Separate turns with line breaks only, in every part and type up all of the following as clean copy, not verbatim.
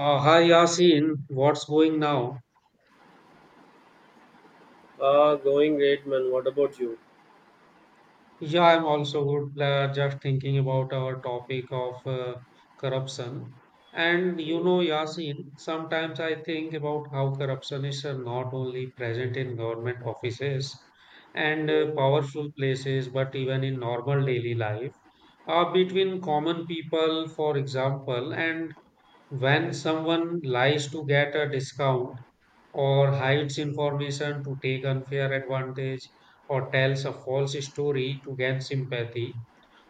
Hi Yasin, what's going now?
Going great, man. What about you?
Yeah, I'm also good. Just thinking about our topic of corruption. And you
Mm,
know, Yasin, sometimes I think about how corruption is not only present in government offices and
mm,
powerful places, but even in normal daily life,
mhm.
between common people, for example, and when someone lies to get a discount or hides information to take unfair advantage or tells a false story to gain sympathy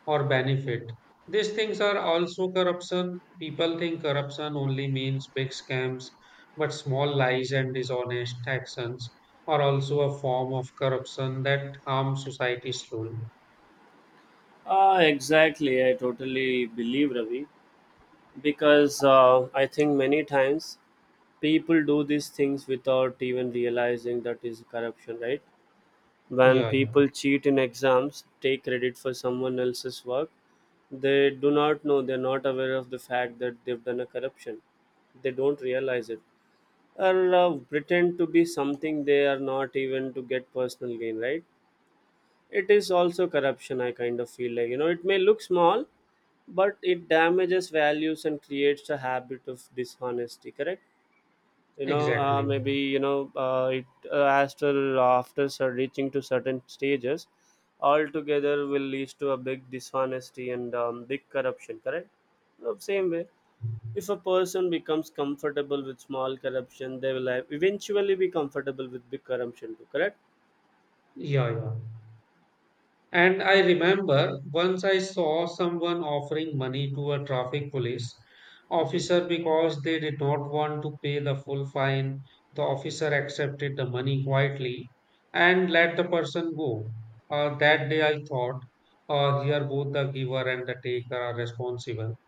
or benefit. These things are also corruption. People think corruption only means big scams, but small lies and dishonest actions are also a form of corruption that harm society slowly.
Exactly. I totally believe Ravi because I think many times people do these things without even realizing that is corruption, right? When
Yeah, yeah,
people cheat in exams, take credit for someone else's work, they do not know, they're not aware of the fact that they've done a corruption. They don't realize it. Or pretend to be something they are not even to get personal gain, right? It is also corruption. I kind of feel like, you know, it may look small, but it damages values and creates a habit of dishonesty, correct? You know,
exactly.
maybe, you know, it after after cer- reaching to certain stages altogether will lead to a big dishonesty and big corruption, correct. Same way, if a person becomes comfortable with small corruption, they will eventually be comfortable with big corruption too, correct.
Yeah, yeah. And I remember once I saw someone offering money to a traffic police
Mhm.
officer because they did not want to pay the full fine. The officer accepted the money quietly and let the person go. That day I thought, here both the giver and the taker are responsible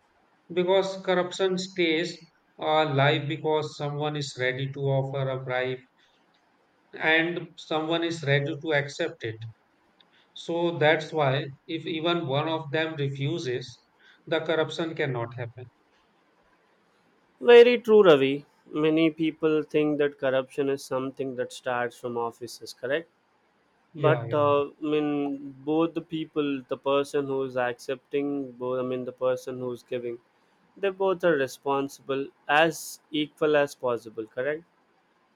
because corruption stays live because someone is ready to offer a bribe and someone is ready to accept it. So that's why if even one of them refuses, the corruption cannot happen.
Very true, Ravi. Many people think that corruption is something that starts from offices, correct? But
Yeah, yeah,
I mean, both the people, the person who is accepting, both, I mean the person who is giving, they both are responsible as equal as possible, correct?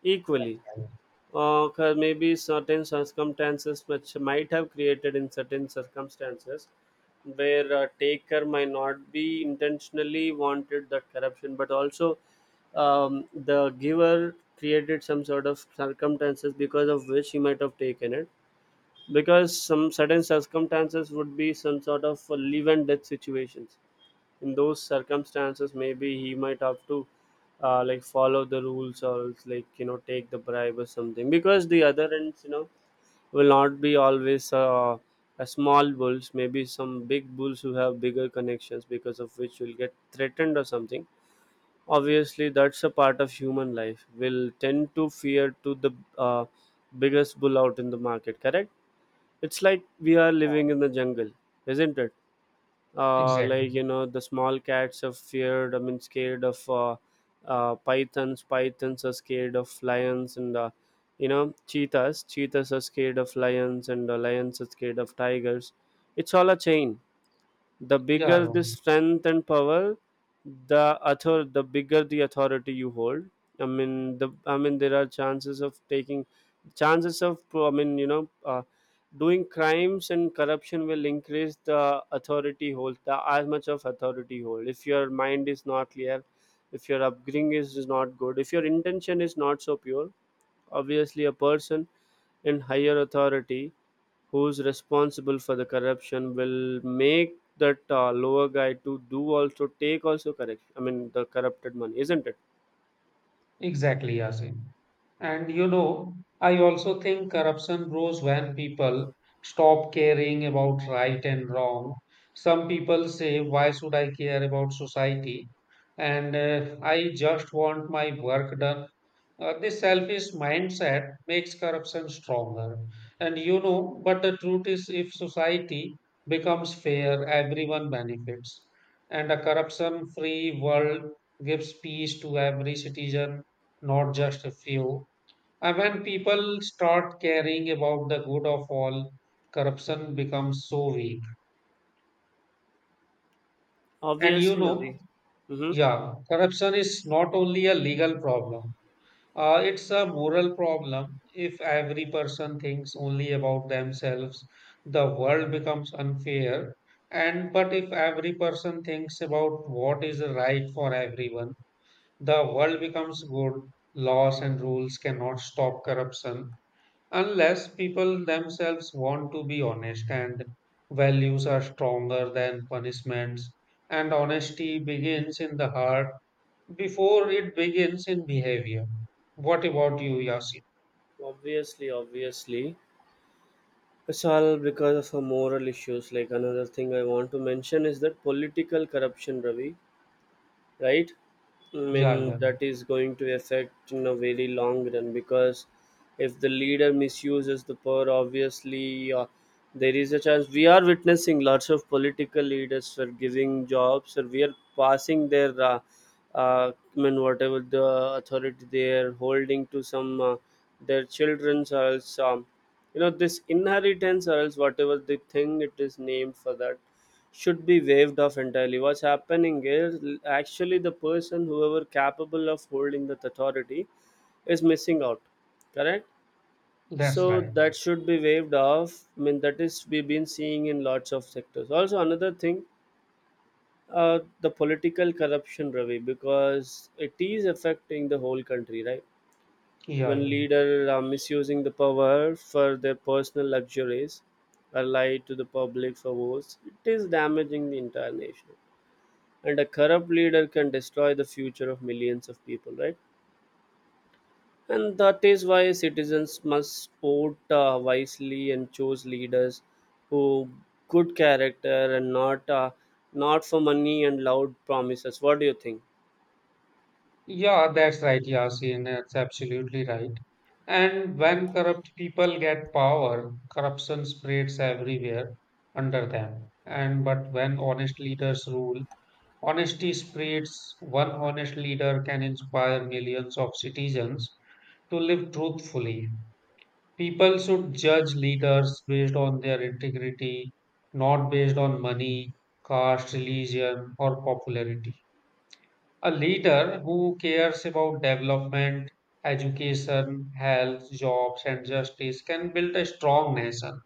Equally,
yeah.
maybe certain circumstances which might have created in certain circumstances where a taker might not be intentionally wanted that corruption, but also, the giver created some sort of circumstances because of which he might have taken it, because some certain circumstances would be some sort of live and death situations. In those circumstances, maybe he might have to like, follow the rules, or else like, you know, take the bribe or something, because the other ends, you know, will not be always a small bulls, maybe some big bulls who have bigger connections, because of which will get threatened or something. Obviously, that's a part of human life, will tend to fear to the uh, biggest bull out in the market, correct. It's like we are living in the jungle, isn't it? Like,
Exactly.
you know, the small cats are feared, I mean scared of pythons. Pythons are scared of lions, and you know, cheetahs. Cheetahs are scared of lions, and lions are scared of tigers. It's all a chain. The
Yeah,
bigger
yeah.
the strength and power, the author the bigger the authority you hold, I mean the, I mean there are chances of taking, chances of, I mean, you know, doing crimes and corruption will increase. The authority hold, the as much of authority you hold, if your mind is not clear, if your upbringing is not good, if your intention is not so pure, obviously a person in higher authority who's responsible for the corruption will make that lower guy to do also, take also, correct, I mean the corrupted money, isn't it?
Exactly, Yasin. And you know, I also think corruption grows when people stop caring about right and wrong. Some people say, why should I care about society? And I just want my work done. This selfish mindset makes corruption stronger. And you know, but the truth is, if society becomes fair, everyone benefits. And a corruption free world gives peace to every citizen, not just a few. And when people start caring about the good of all, corruption becomes so weak. And you
Obviously,
know,
Ravi. Mm-hmm.
yeah, corruption is not only a legal problem. It's a moral problem. If every person thinks only about themselves, the world becomes unfair. And but if every person thinks about what is right for everyone, the world becomes good. Laws and rules cannot stop corruption unless people themselves want to be honest and values are stronger than punishments. And honesty begins in the heart before it begins in behavior. What about you, Yasin?
Obviously, obviously, it's all because of a moral issues. Like, another thing I want to mention is that political corruption, Ravi, right? I
Yeah,
mean,
yeah,
that is going to affect in a very long run, because if the leader misuses the power, obviously, there is a chance. We are witnessing lots of political leaders for giving jobs, or we are passing their, I mean, whatever the authority they are holding to some their children's, or else, you know, this inheritance, or else whatever the thing it is named for, that should be waived off entirely. What's happening is, actually the person, whoever capable of holding that authority, is missing out. Correct?
that's
So
right.
that should be waived off. I mean, that is we've been seeing in lots of sectors. Also, another thing, the political corruption, Ravi, because it is affecting the whole country, right?
Yeah, yeah,
When leader are misusing the power for their personal luxuries, or lie to the public for votes, it is damaging the entire nation. And a corrupt leader can destroy the future of millions of people, right? And that is why citizens must vote wisely and choose leaders who good character, and not not for money and loud promises. What do you think?
yeah, that's right, Yasin. That's absolutely right. And when corrupt people get power, corruption spreads everywhere under them. And but when honest leaders rule, honesty spreads. One honest leader can inspire millions of citizens to live truthfully. People should judge leaders based on their integrity, not based on money, caste, religion, or popularity. A leader who cares about development, education, health, jobs, and justice can build a strong nation.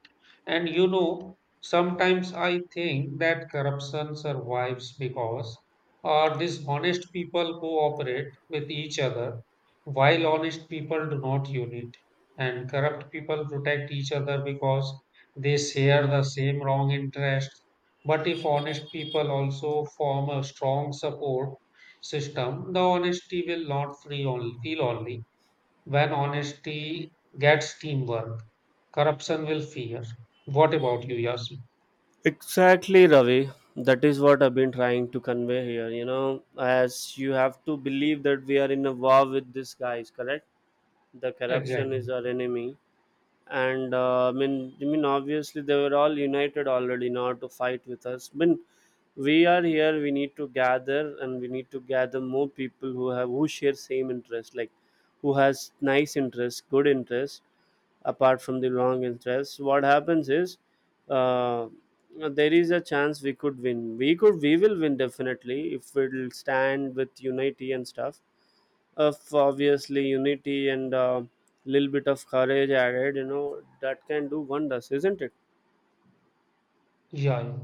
And you know, sometimes I think that corruption survives because dishonest people cooperate with each other, while honest people do not unite. And corrupt people protect each other because they share the same wrong interest. But if honest people also form a strong support, system, the honesty will not free only, feel only. When honesty gets teamwork, corruption will fear. What about you, Yasin?
Exactly, Ravi. That is what I've been trying to convey here. You know, as you have to believe that we are in a war with these guys, correct? The corruption is
Exactly.
our enemy, and I mean, obviously they were all united already in order to fight with us. I mean, we are here. We need to gather, and we need to gather more people who share same interest, like who has nice interest, good interest, apart from the long interest. What happens is, uh, there is a chance we could win. We will win definitely if we'll stand with unity and stuff of, obviously, unity and a little bit of courage added, you know, that can do wonders, isn't it?
Yeah, yeah.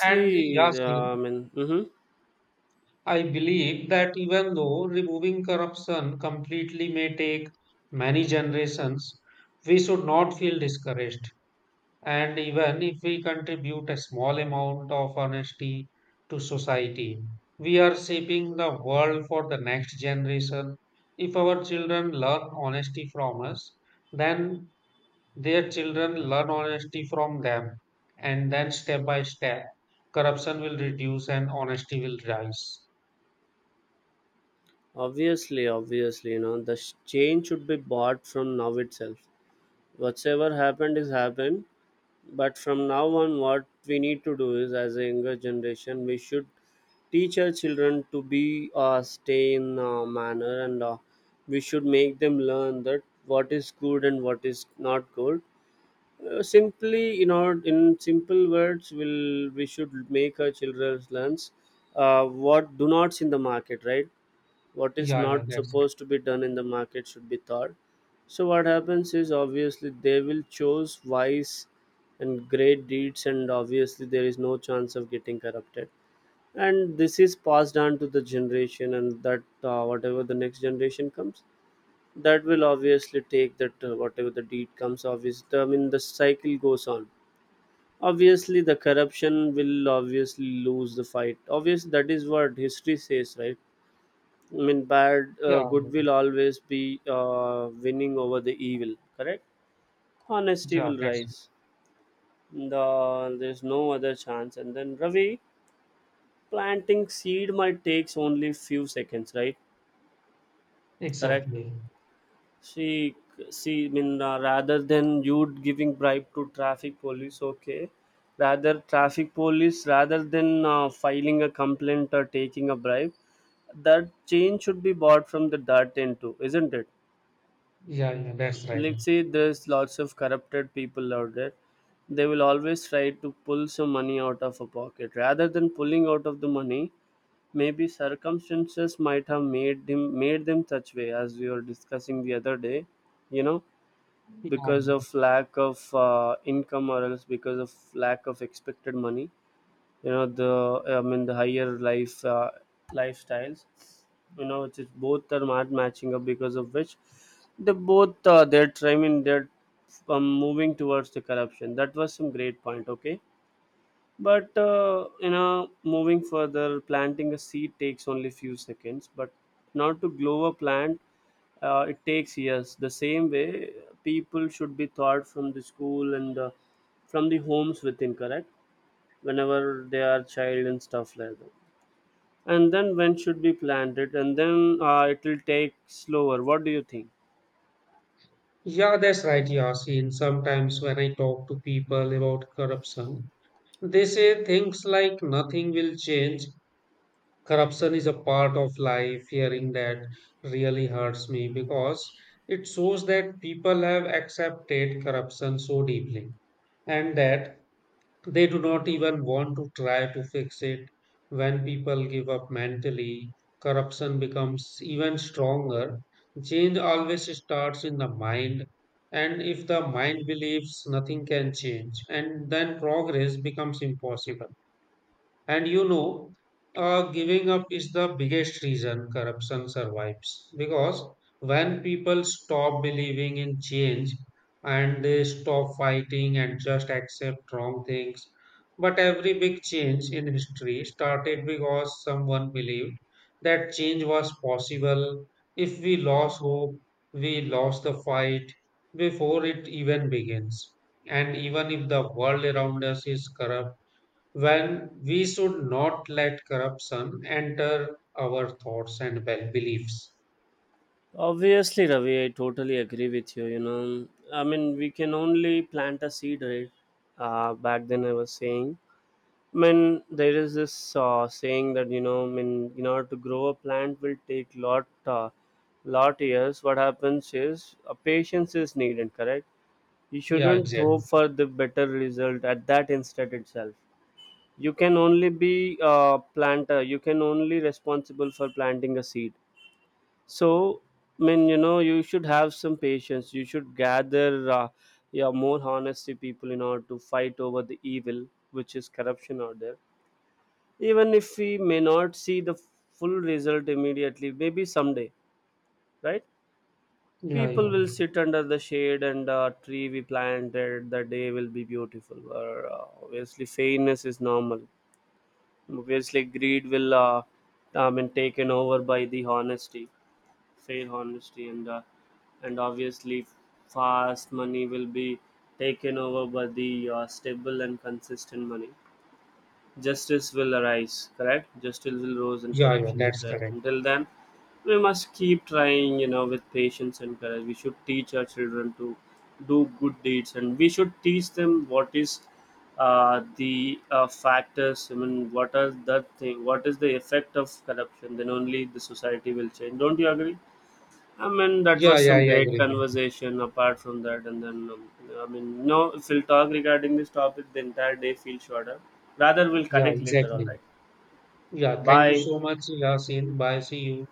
And
I
Yasin,
mean, hmm.
I believe that even though removing corruption completely may take many generations, we should not feel discouraged. And even if we contribute a small amount of honesty to society, we are shaping the world for the next generation. If our children learn honesty from us, then their children learn honesty from them. And then step by step, corruption will reduce and honesty will rise.
Obviously, obviously, you know, the change should be bought from now itself. Whatsoever happened is happened, but from now on, what we need to do is, as a younger generation, we should teach our children to be stay in manner, and we should make them learn that what is good and what is not good. Simply, you know, in simple words, will we should make our children learn what do nots in the market, right? What is
Yeah, yeah,
not
that's right.
supposed to be done in the market should be taught. So what happens is, obviously, they will choose wise and great deeds, and obviously there is no chance of getting corrupted, and this is passed on to the generation. And that, whatever the next generation comes, that will obviously take that, whatever the deed comes, obviously, I mean the cycle goes on. Obviously, the corruption will obviously lose the fight. Obvious, that is what history says, right? I mean, bad,
Yeah,
good will always be winning over the evil, correct. Honesty
yeah,
will
that's
rise. The, there's no other chance. And then, Ravi, planting seed might takes only few seconds, right? Correct.
exactly.
See, see, I mean, rather than you giving bribe to traffic police, okay, rather traffic police, rather than filing a complaint or taking a bribe, that change should be bought from the dirt end too, isn't it?
Yeah, yeah, that's right.
Let's say there's lots of corrupted people out there. They will always try to pull some money out of a pocket. Rather than pulling out of the money, maybe circumstances might have made him, made them such way, as we were discussing the other day. You know,
Yeah, yeah.
because of lack of income, or else because of lack of expected money, you know, the, I mean the higher life lifestyles, you know, it's both are not matching up, because of which they both, they're trying, they're moving towards the corruption. That was some great point, okay, but you know, moving further, planting a seed takes only few seconds. But not to grow a plant, it takes years. The same way, people should be taught from the school and from the homes within, correct? Whenever they are child and stuff like that. And then when should be planted, and then it will take slower. What do you think?
Yeah, that's right, Yasin. Sometimes when I talk to people about corruption, they say things like nothing will change. Corruption is a part of life. Hearing that really hurts me because it shows that people have accepted corruption so deeply and that they do not even want to try to fix it. When people give up mentally, corruption becomes even stronger. Change always starts in the mind, and if the mind believes nothing can change, and then progress becomes impossible. And you know, giving up is the biggest reason corruption survives because when people stop believing in change and they stop fighting and just accept wrong things. But every big change in history started because someone believed that change was possible. If we lost hope, we lost the fight before it even begins. And even if the world around us is corrupt, when we should not let corruption enter our thoughts and well beliefs.
Obviously, Ravi, I totally agree with you. You know, I mean, we can only plant a seed, right? Back then, I was saying, I mean, there is this saying that, you know, I mean, in order to grow a plant will take lot, lot years. What happens is, patience is needed. Correct. You
Yeah,
shouldn't
exactly.
hope for the better result at that instant itself. You can only be a planter. You can only responsible for planting a seed. So, I mean, you know, you should have some patience. You should gather, yeah, more honesty people in order to fight over the evil, which is corruption out there, even if we may not see the full result immediately. Maybe someday, right?
Yeah,
People
yeah.
will sit under the shade and the tree we planted. The day will be beautiful, or obviously fairness is normal. Obviously greed will I mean taken over by the honesty, fair honesty, and obviously fast money will be taken over by the stable and consistent money. Justice will arise, correct? Justice will rise and
Yeah, yeah,
corruption is
that's
rare.
correct.
Until then, we must keep trying, you know, with patience and courage. We should teach our children to do good deeds, and we should teach them what is the factors, I mean, what are the thing, what is the effect of corruption, then only the society will change. Don't you agree? I mean, that
Yeah,
was
yeah,
some
I
great
agree with you.
conversation apart from that. And then, I mean, no, if we'll talk regarding this topic, the entire day feels shorter. Rather, we'll
Yeah,
connect later, all
exactly.
right?
Yeah, thank you
Bye.
so much, Yasin. Bye, see you.